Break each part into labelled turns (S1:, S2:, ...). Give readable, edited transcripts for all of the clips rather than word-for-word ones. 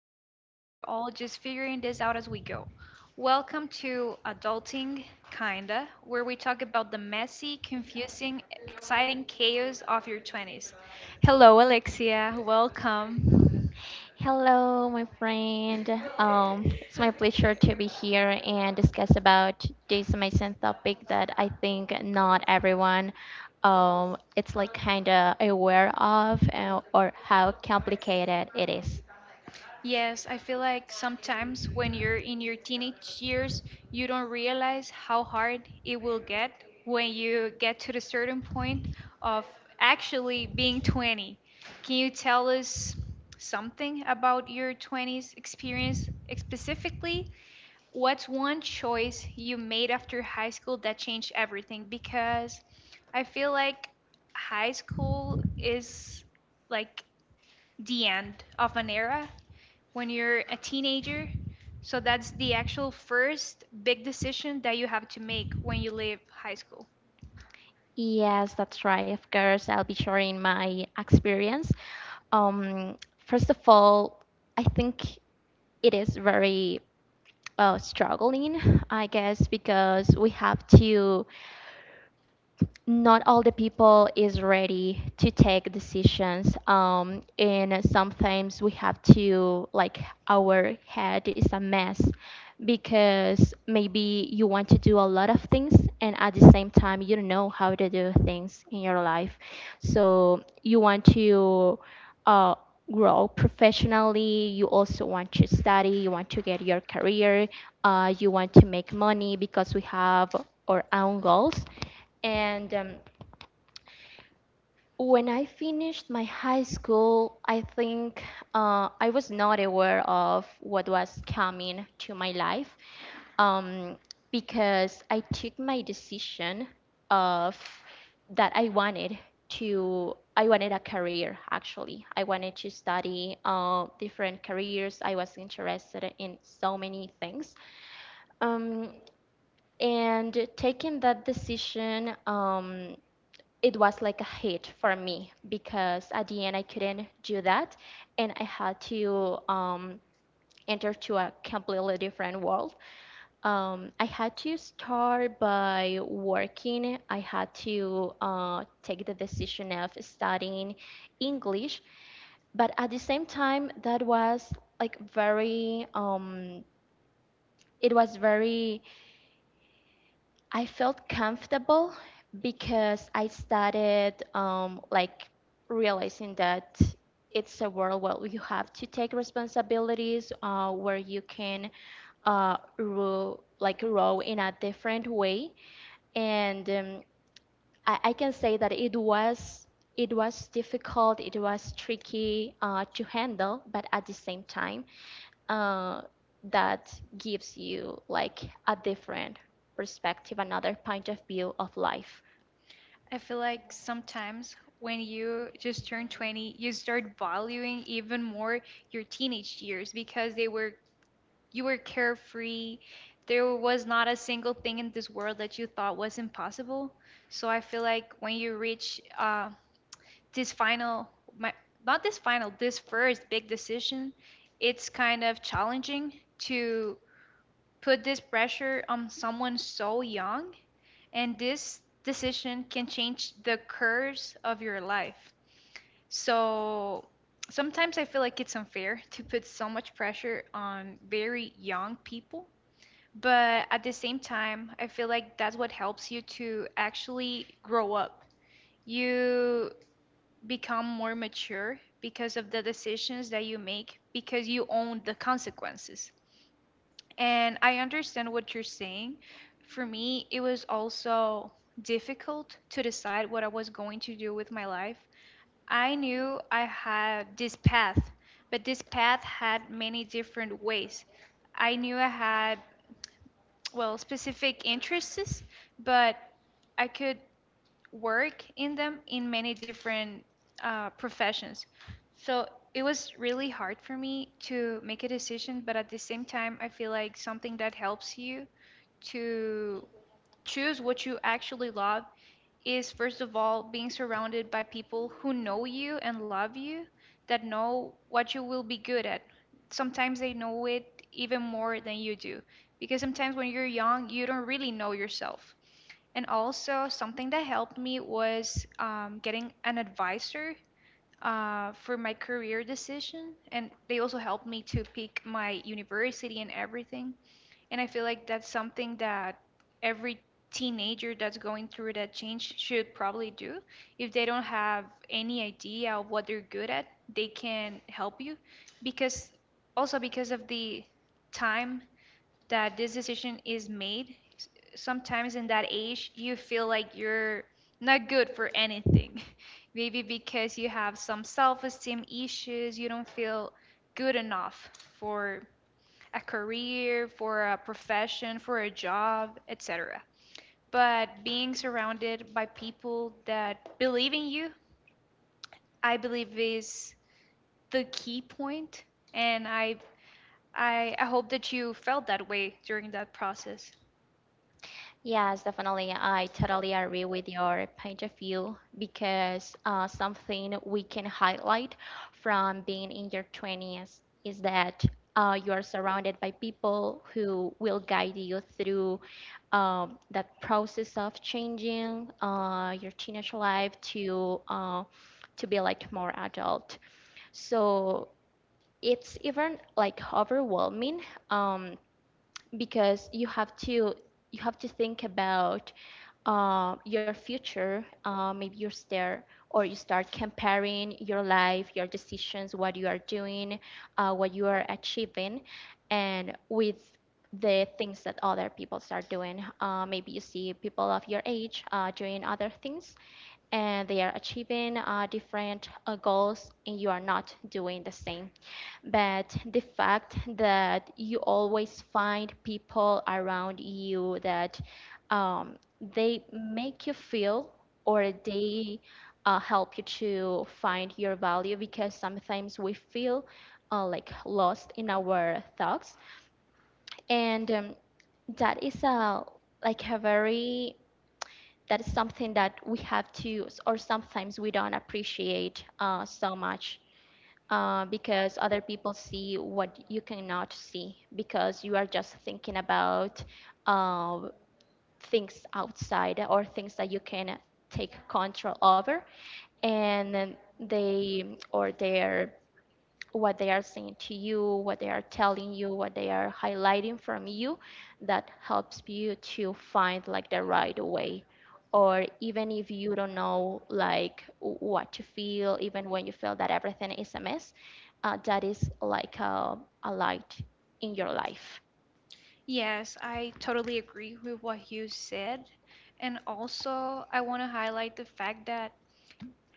S1: maybe we're all just figuring this out as we go. Welcome to Adulting Kinda, where we talk about the messy, confusing, exciting chaos of your 20s. Hello, Alexia. Welcome.
S2: Hello, my friend. It's my pleasure to be here and discuss about this amazing topic that I think not everyone, it's like kind of aware of or how complicated it is.
S1: Yes, I feel like sometimes when you're in your teenage years, you don't realize how hard it will get when you get to the certain point of actually being 20. Can you tell us something about your 20s experience specifically? What's one choice you made after high school that changed everything? Because I feel like high school is like the end of an era when you're a teenager. So that's the actual first big decision that you have to make when you leave high school.
S2: Yes, that's right. Of course, I'll be sharing my experience. First of all, I think it is very struggling, I guess, because we have to not all the people is ready to take decisions and sometimes we have to like our head is a mess because maybe you want to do a lot of things and at the same time you don't know how to do things in your life, so you want to uh, grow professionally, you also want to study, you want to get your career, you want to make money because we have our own goals. And when I finished my high school, I think I was not aware of what was coming to my life, um, because I took my decision of that I wanted a career, actually. I wanted to study different careers. I was interested in so many things. Um, and taking that decision, it was like a hit for me because at the end I couldn't do that and I had to enter to a completely different world. I had to start by working. I had to take the decision of studying English, but at the same time that was like very, it was very, I felt comfortable because I started like realizing that it's a world where you have to take responsibilities, where you can rule, like row in a different way. And I can say that it was difficult, it was tricky to handle, but at the same time, uh, that gives you like a different perspective, another point of view of life.
S1: I feel like sometimes when you just turn 20, you start valuing even more your teenage years because they were you were carefree. There was not a single thing in this world that you thought was impossible. So I feel like when you reach this final my not this final this first big decision, it's kind of challenging to put this pressure on someone so young, and this decision can change the course of your life. So sometimes I feel like it's unfair to put so much pressure on very young people, but at the same time, I feel like that's what helps you to actually grow up. You become more mature because of the decisions that you make because you own the consequences. And I understand what you're saying. For me, it was also difficult to decide what I was going to do with my life. I knew I had this path, but this path had many different ways. I knew I had, well, specific interests, but I could work in them in many different professions. So it was really hard for me to make a decision, but at the same time, I feel like something that helps you to choose what you actually love is, first of all, being surrounded by people who know you and love you, that know what you will be good at. Sometimes they know it even more than you do, because sometimes when you're young, you don't really know yourself. And also, something that helped me was getting an advisor for my career decision. And they also helped me to pick my university and everything. And I feel like that's something that every teenager that's going through that change should probably do. If they don't have any idea of what they're good at, they can help you. Because also, because of the time that this decision is made, sometimes in that age, you feel like you're not good for anything. Maybe because you have some self esteem issues, you don't feel good enough for a career, for a profession, for a job, etc. But being surrounded by people that believe in you, I believe is the key point, and I hope that you felt that way during that process.
S2: Yes, definitely. I totally agree with your point of view because something we can highlight from being in your 20s is that you are surrounded by people who will guide you through that process of changing your teenage life to be like more adult. So it's even like overwhelming um, because you have to think about your future, maybe you stare or you start comparing your life, your decisions, what you are doing, what you are achieving, and with the things that other people start doing. Maybe you see people of your age doing other things and they are achieving different goals, and you are not doing the same. But the fact that you always find people around you that, they make you feel or they help you to find your value because sometimes we feel like lost in our thoughts. And that is a like a very, that is something that we have to or sometimes we don't appreciate so much, because other people see what you cannot see because you are just thinking about uh, things outside or things that you can take control over, and then they or their, what they are saying to you, what they are telling you, what they are highlighting from you, that helps you to find like the right way. Or even if you don't know like what to feel, even when you feel that everything is a mess, that is like a light in your life.
S1: Yes, I totally agree with what you said. And also, I want to highlight the fact that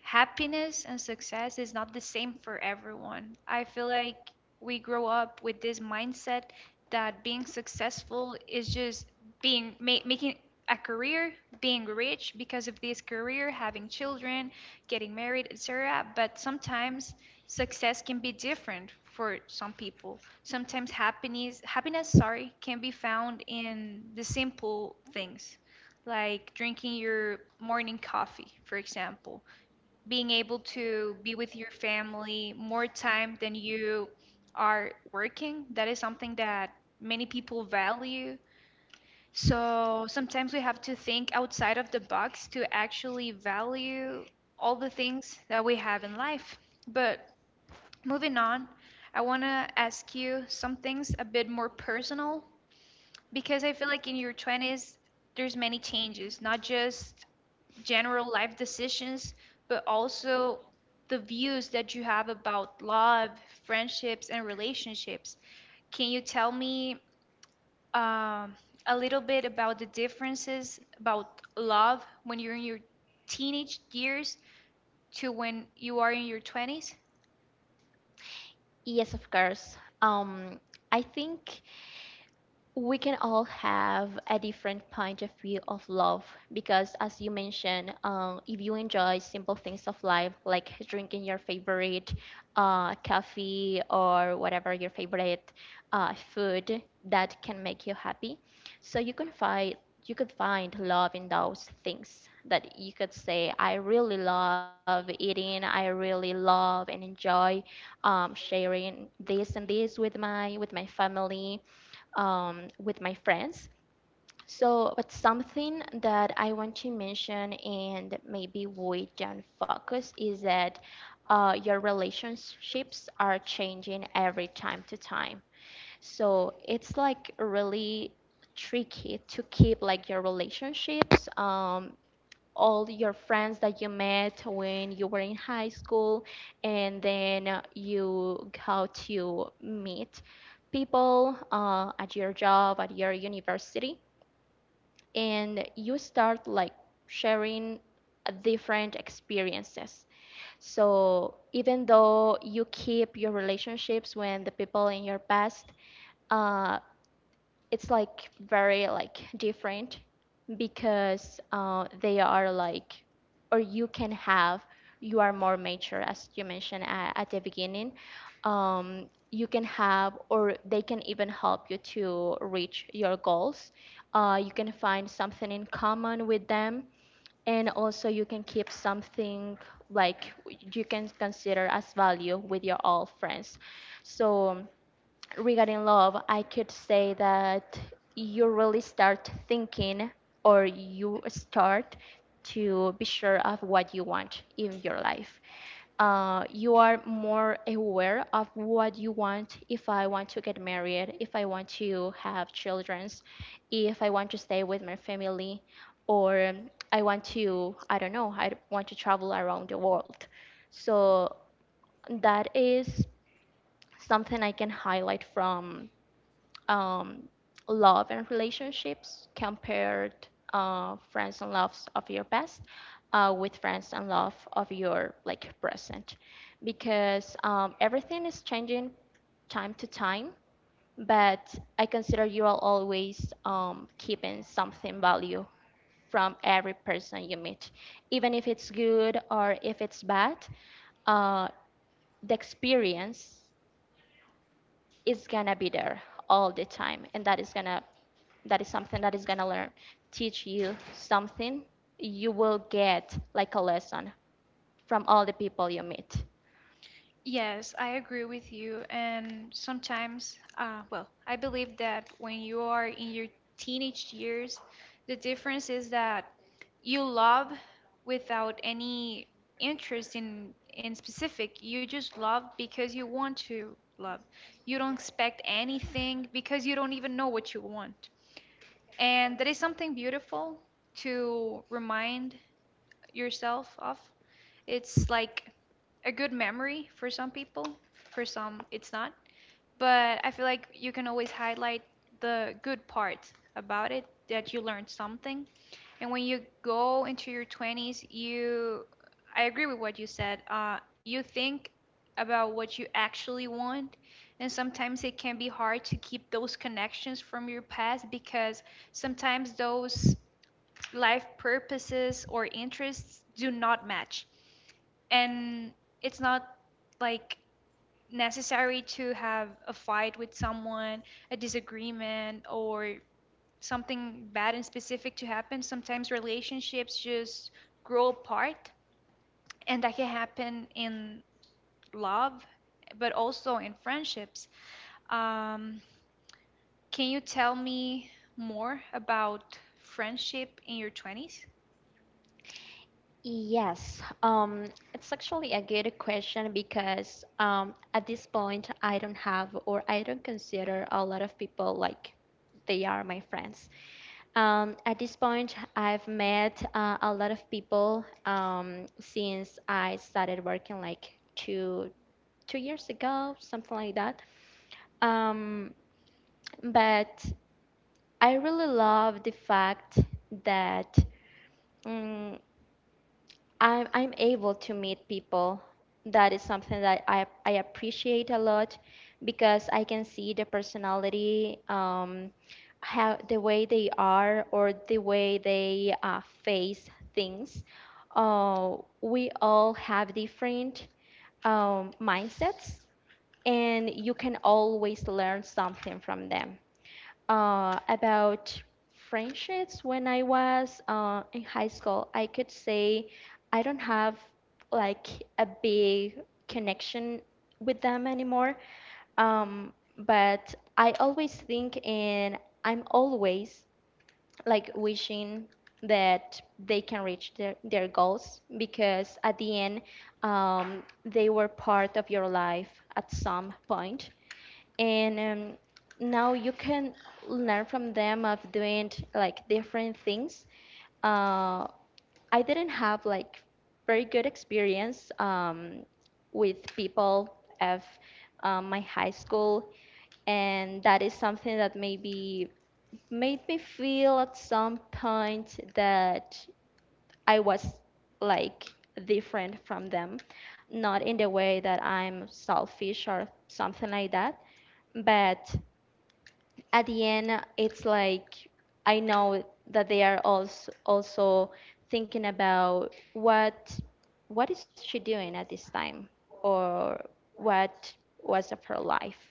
S1: happiness and success is not the same for everyone. I feel like we grow up with this mindset that being successful is just making a career, being rich because of this career, having children, getting married, etc. But sometimes success can be different for some people. Sometimes happiness, sorry, can be found in the simple things, like drinking your morning coffee, for example, being able to be with your family more time than you are working. That is something that many people value. So sometimes we have to think outside of the box to actually value all the things that we have in life. But moving on, I want to ask you some things a bit more personal because I feel like in your 20s, there's many changes, not just general life decisions, but also the views that you have about love, friendships, and relationships. Can you tell me um, a little bit about the differences about love when you're in your teenage years to when you are in your 20s?
S2: Yes, of course. I think we can all have a different point of view of love because, as you mentioned, if you enjoy simple things of life like drinking your favorite coffee or whatever your favorite food that can make you happy, so you can find, you could find love in those things that you could say I really love eating, I really love and enjoy sharing this and this with my family, with my friends. So, but something that I want to mention and maybe we don't focus is that your relationships are changing every time to time. So it's like really tricky to keep like your relationships, all your friends that you met when you were in high school, and then you go to meet people at your job, at your university, and you start like sharing different experiences. So even though you keep your relationships with the people in your past, uh, it's like very like different because they are like, or you can have you are more mature, as you mentioned at the beginning, you can have or they can even help you to reach your goals. You can find something in common with them and also you can keep something like you can consider as value with your all friends. So regarding love, I could say that you really start thinking or you start to be sure of what you want in your life. You are more aware of what you want, if I want to get married, if I want to have children, if I want to stay with my family, or, I want to, I don't know, I want to travel around the world. So that is something I can highlight from, um, love and relationships compared, friends and loves of your past with friends and love of your like present, because everything is changing time to time, but I consider you are always keeping something value from every person you meet, even if it's good or if it's bad. uh, the experience is gonna be there all the time and that is something that is going to learn, teach you something. You will get like a lesson from all the people you meet.
S1: Yes, I agree with you. And sometimes, well, I believe that when you are in your teenage years, the difference is that you love without any interest in specific. You just love because you want to love. You don't expect anything because you don't even know what you want. And that is something beautiful to remind yourself of. It's like a good memory for some people, for some it's not. But I feel like you can always highlight the good part about it, that you learned something. And when you go into your 20s, you I agree with what you said. You think about what you actually want, and sometimes it can be hard to keep those connections from your past because sometimes those life purposes or interests do not match. And it's not like necessary to have a fight with someone, a disagreement, or something bad and specific to happen. Sometimes relationships just grow apart, and that can happen in love, but also in friendships. Um, can you tell me more about friendship in your 20s?
S2: Yes, it's actually a good question because, at this point I don't have or I don't consider a lot of people like they are my friends. At this point, I've met a lot of people since I started working like two years ago, something like that. Um, But I really love the fact that, mm I'm able to meet people. That is something that I appreciate a lot because I can see the personality, how the way they are or the way they face things. We all have different, mindsets, and you can always learn something from them. About friendships, when I was in high school, I could say I don't have like a big connection with them anymore. But I always think and I'm always like wishing that they can reach their goals because at the end, they were part of your life at some point. And um, now you can learn from them of doing like different things. uh, I didn't have like very good experience with people of my high school, and that is something that maybe made me feel at some point that I was like different from them, not in the way that I'm selfish or something like that, but at the end, it's like I know that they are also thinking about what is she doing at this time, or what was of her life.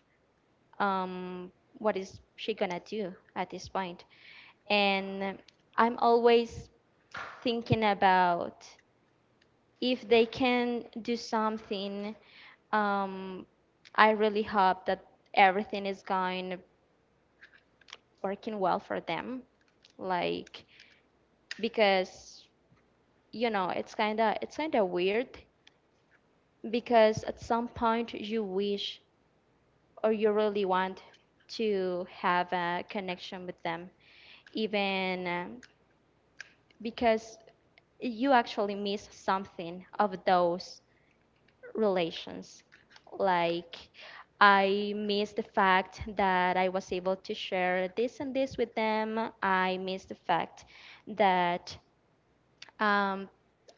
S2: Um, what is she gonna do at this point? And I'm always thinking about if they can do something. Um, I really hope that everything is going, working well for them. Like because, you know, it's kind of weird because at some point you wish or you really want to have a connection with them even, because you actually miss something of those relations. Like, I miss the fact that I was able to share this and this with them. I miss the fact that um,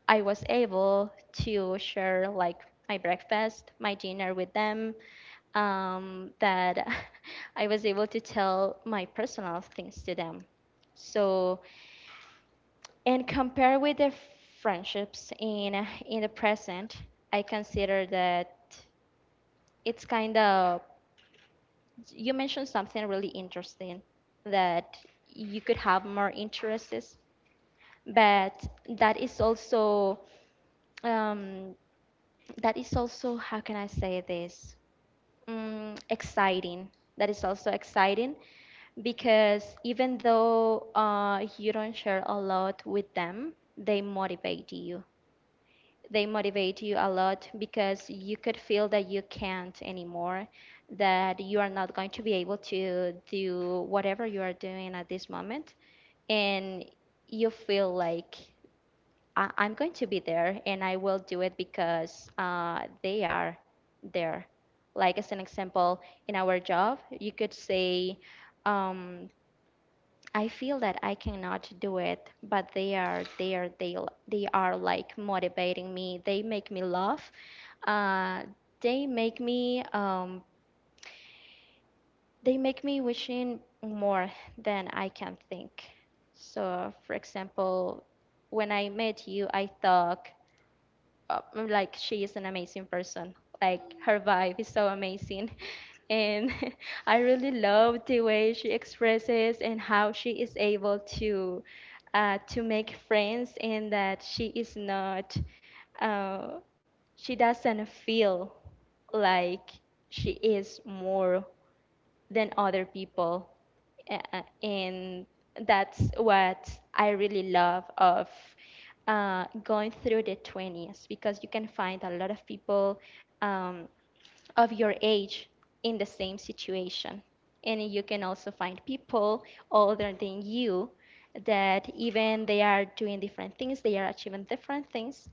S2: I was able to share like my breakfast, my dinner with them, that I was able to tell my personal things to them. So, and compare with the friendships in the present, I consider that it's kind of, you mentioned something really interesting, that you could have more interests, but um, that is also, how can I say this, exciting. That is also exciting because even though you don't share a lot with them, they motivate you they motivate you a lot because you could feel that you can't anymore, that you are not going to be able to do whatever you are doing at this moment, and you feel like, I'm going to be there and I will do it because they are there. Like, as an example, in our job, you could say, um, I feel that I cannot do it, but they are there. They are like motivating me. They make me laugh. Uh, they make me, wishing more than I can think. So, for example, when I met you, I thought, like she is an amazing person. Like her vibe is so amazing. And I really love the way she expresses and how she is able to make friends, and that she is not uh, she doesn't feel like she is more than other people, and that's what I really love of going through the 20s because you can find a lot of people um, of your age in the same situation, and you can also find people older than you that even they are doing different things, they are achieving different things.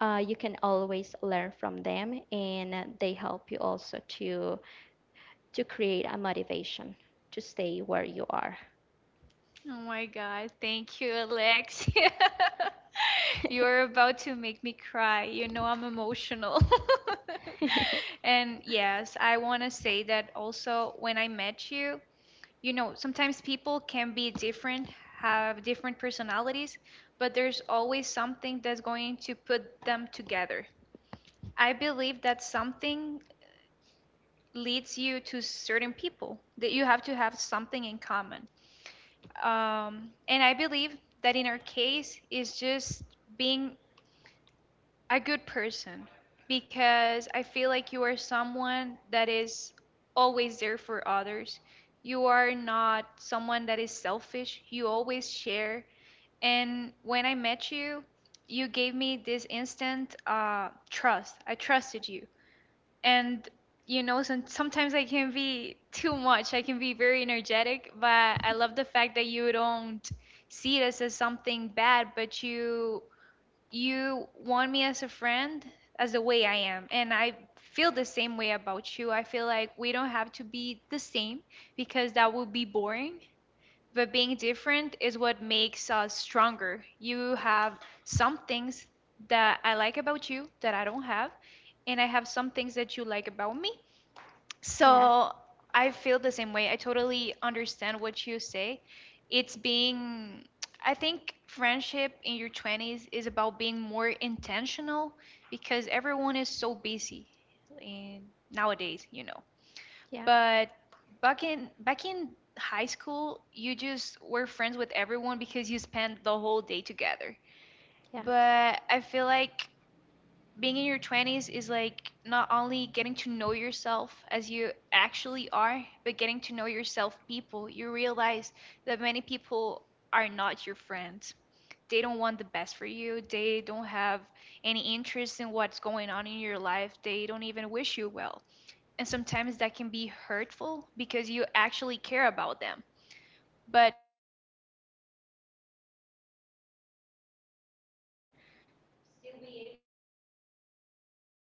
S2: You can always learn from them and they help you also to create a motivation to stay where you are.
S1: Oh my God, thank you, Alexia. You're about to make me cry. You know I'm emotional. And yes, I want to say that also when I met you, you know, sometimes people can be different, have different personalities, but there's always something that's going to put them together. I believe that something leads you to certain people, that you have to have something in common. And I believe that in our case is just being a good person because I feel like you are someone that is always there for others. You are not someone that is selfish. You always share. And when I met you, you gave me this instant trust. I trusted you, and you know sometimes I can be too much. I can be very energetic, but I love the fact that you don't see this as something bad, but you want me as a friend as the way I am. And I feel the same way about you. I feel like we don't have to be the same because that would be boring, but being different is what makes us stronger. You have some things that I like about you that I don't have, and I have some things that you like about me.
S2: Yeah.
S1: So I feel the same way. I totally understand what you say. It's being, I think friendship in your 20s is about being more intentional because everyone is so busy in nowadays, you know.
S2: Yeah.
S1: But back in high school, you just were friends with everyone because you spent the whole day together.
S2: Yeah.
S1: But I feel like being in your 20s is like not only getting to know yourself as you actually are, but getting to know yourself people. You realize that many people are not your friends. They don't want the best for you. They don't have any interest in what's going on in your life. They don't even wish you well. And sometimes that can be hurtful because you actually care about them. But something that has helped me stay the way I am and still be able to be.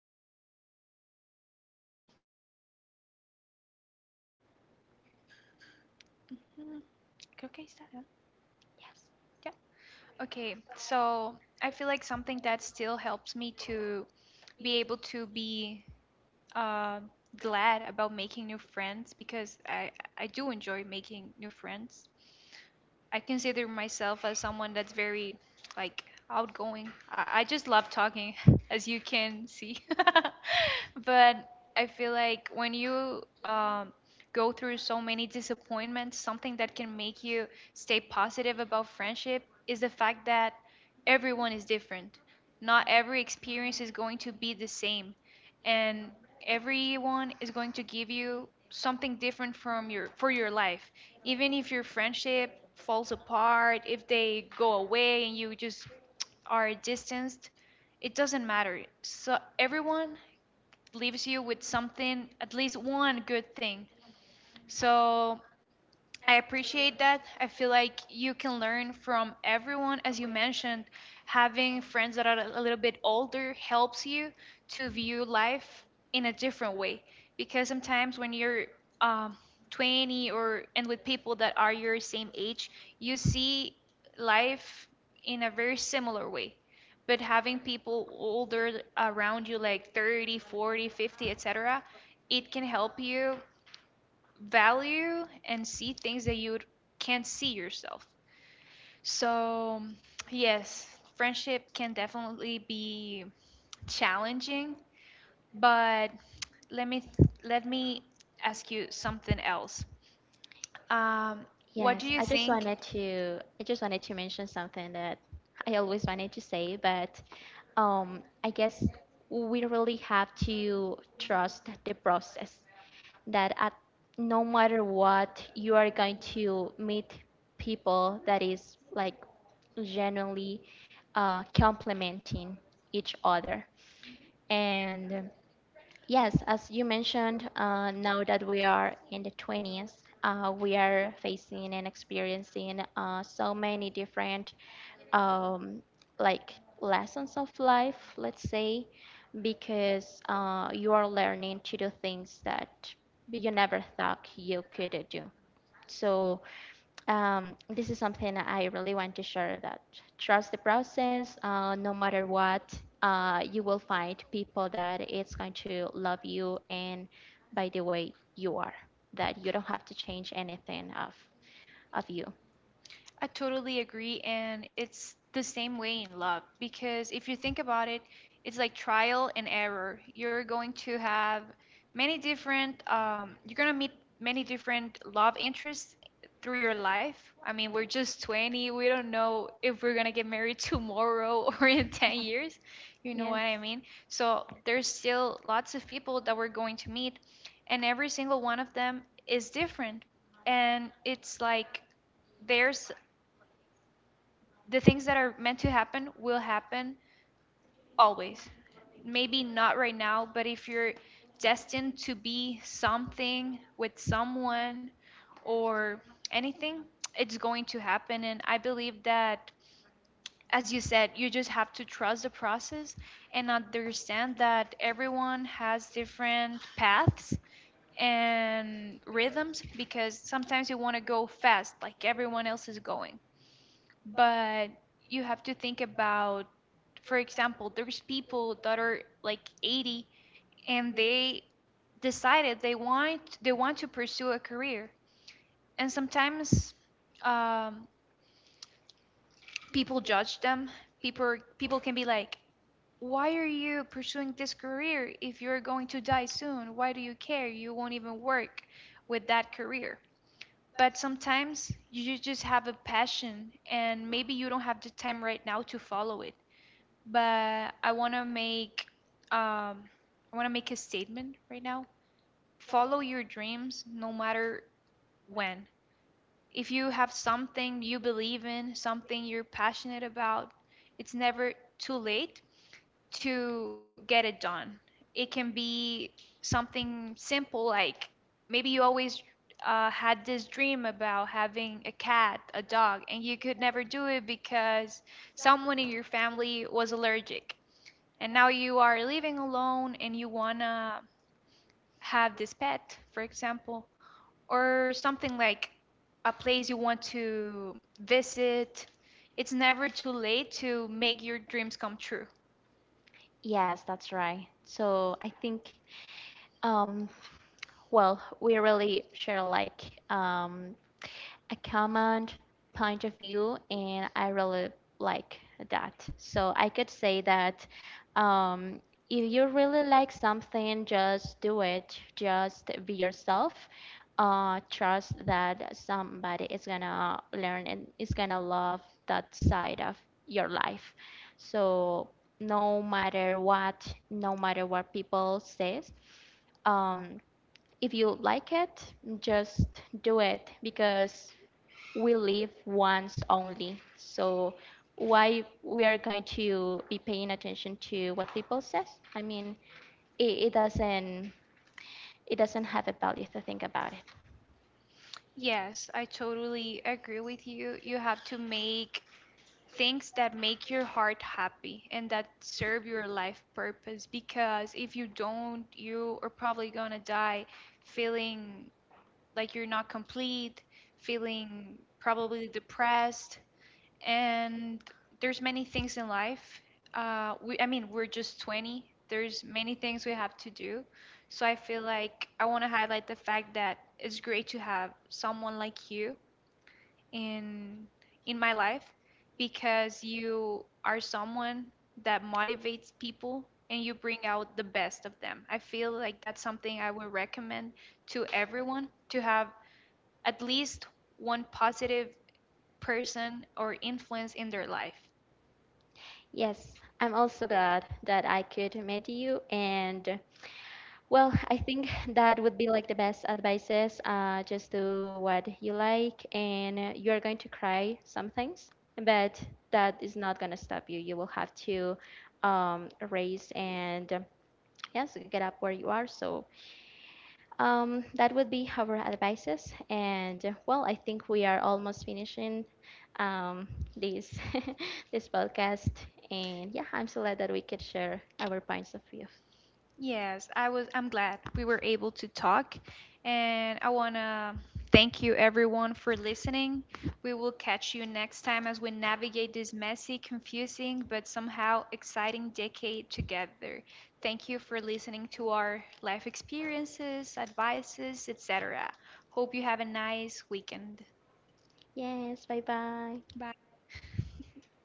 S2: Mm.
S1: creo que ahí está, ¿verdad? Ya. Okay, so I feel like something that still helps me to be able to be uh, glad about making new friends, because I do enjoy making new friends. I consider myself as someone that's very like outgoing. I just love talking, as you can see. But I feel like when you go through so many disappointments, something that can make you stay positive about friendship is the fact that everyone is different. Not every experience is going to be the same, and everyone is going to give you something different from your for your life. Even if your friendship falls apart, if they go away and you just are distanced, it doesn't matter. So everyone leaves you with something, at least one good thing. So I appreciate that. I feel like you can learn from everyone. As you mentioned, having friends that are a little bit older helps you to view life in a different way. Because sometimes when you're um, 20 or and with people that are your same age, you see life in a very similar way. But having people older around you, like 30, 40, 50, etc., it can help you value and see things that you can't see yourself. So, yes, friendship can definitely be challenging, but let me let me ask you something else. Um, what do
S2: Yes,
S1: you think
S2: I just wanted to mention something that I always wanted to say, but I guess we really have to trust the process, that at no matter what, you are going to meet people that is like genuinely complementing each other. And yes, as you mentioned, now that we are in the 20s, we are facing and experiencing so many different um, like lessons of life, let's say, because you are learning to do things that you never thought you could do. So, this is something I really want to share, that trust the process. No matter what, you will find people that it's going to love you and by the way you are. That you don't have to change anything of you.
S1: I totally agree. And it's the same way in love because if you think about it, it's like trial and error. You're going to have many different, you're going to meet many different love interests through your life. I mean, we're just 20. We don't know if we're going to get married tomorrow or in 10 years. You know
S2: Yes.
S1: what I mean? So there's still lots of people that we're going to meet, and every single one of them is different. And it's like, there's the things that are meant to happen will happen always. Maybe not right now, but if you're destined to be something with someone or anything, it's going to happen. And I believe that, as you said, you just have to trust the process and understand that everyone has different paths and rhythms, because sometimes you want to go fast like everyone else is going, but you have to think about, for example, there's people that are like 80 and they decided they want to pursue a career. And sometimes um, people judge them. People can be like, why are you pursuing this career if you're going to die soon? Why do you care? You won't even work with that career. But sometimes you just have a passion, and maybe you don't have the time right now to follow it. But I want to make um, a statement right now. Follow your dreams, no matter when. If you have something you believe in, something you're passionate about, it's never too late to get it done. It can be something simple, like maybe you always had this dream about having a cat, a dog, and you could never do it because someone in your family was allergic, and now you are living alone and you wanna have this pet, for example, or something like a place you want to visit. It's never too late to make your dreams come true.
S2: Yes, that's right. So I think, um, well, we really share like a command point of view, and I really like that. So I could say that, um, if you really like something, just do it. Just be yourself. Trust that somebody is gonna learn and is gonna love that side of your life. So no matter what, no matter what people says, um, if you like it, just do it because we live once only. So why we are going to be paying attention to what people says? I mean, it, it doesn't it doesn't have a value to think about it.
S1: Yes, I totally agree with you. You have to make things that make your heart happy and that serve your life purpose, because if you don't, you are probably gonna die feeling like you're not complete, feeling probably depressed. And there's many things in life. I mean, we're just 20. There's many things we have to do. So I feel like I want to highlight the fact that it's great to have someone like you in in my life, because you are someone that motivates people and you bring out the best of them. I feel like that's something I would recommend to everyone, to have at least one positive person or influence in their life.
S2: Yes, I'm also glad that I could meet you. And well, I think that would be like the best advices. Just do what you like, and you are going to cry some things, but that is not gonna stop you. You will have to raise and, yes, get up where you are. So, that would be our advices. And well, I think we are almost finishing um, this this podcast. And yeah, I'm so glad that we could share our points of view.
S1: Yes, I'm glad we were able to talk, and I want to thank you everyone for listening. We will catch you next time as we navigate this messy, confusing but somehow exciting decade together. Thank you for listening to our life experiences, advices, etc. Hope you have a nice weekend.
S2: Yes, bye bye.
S1: Bye.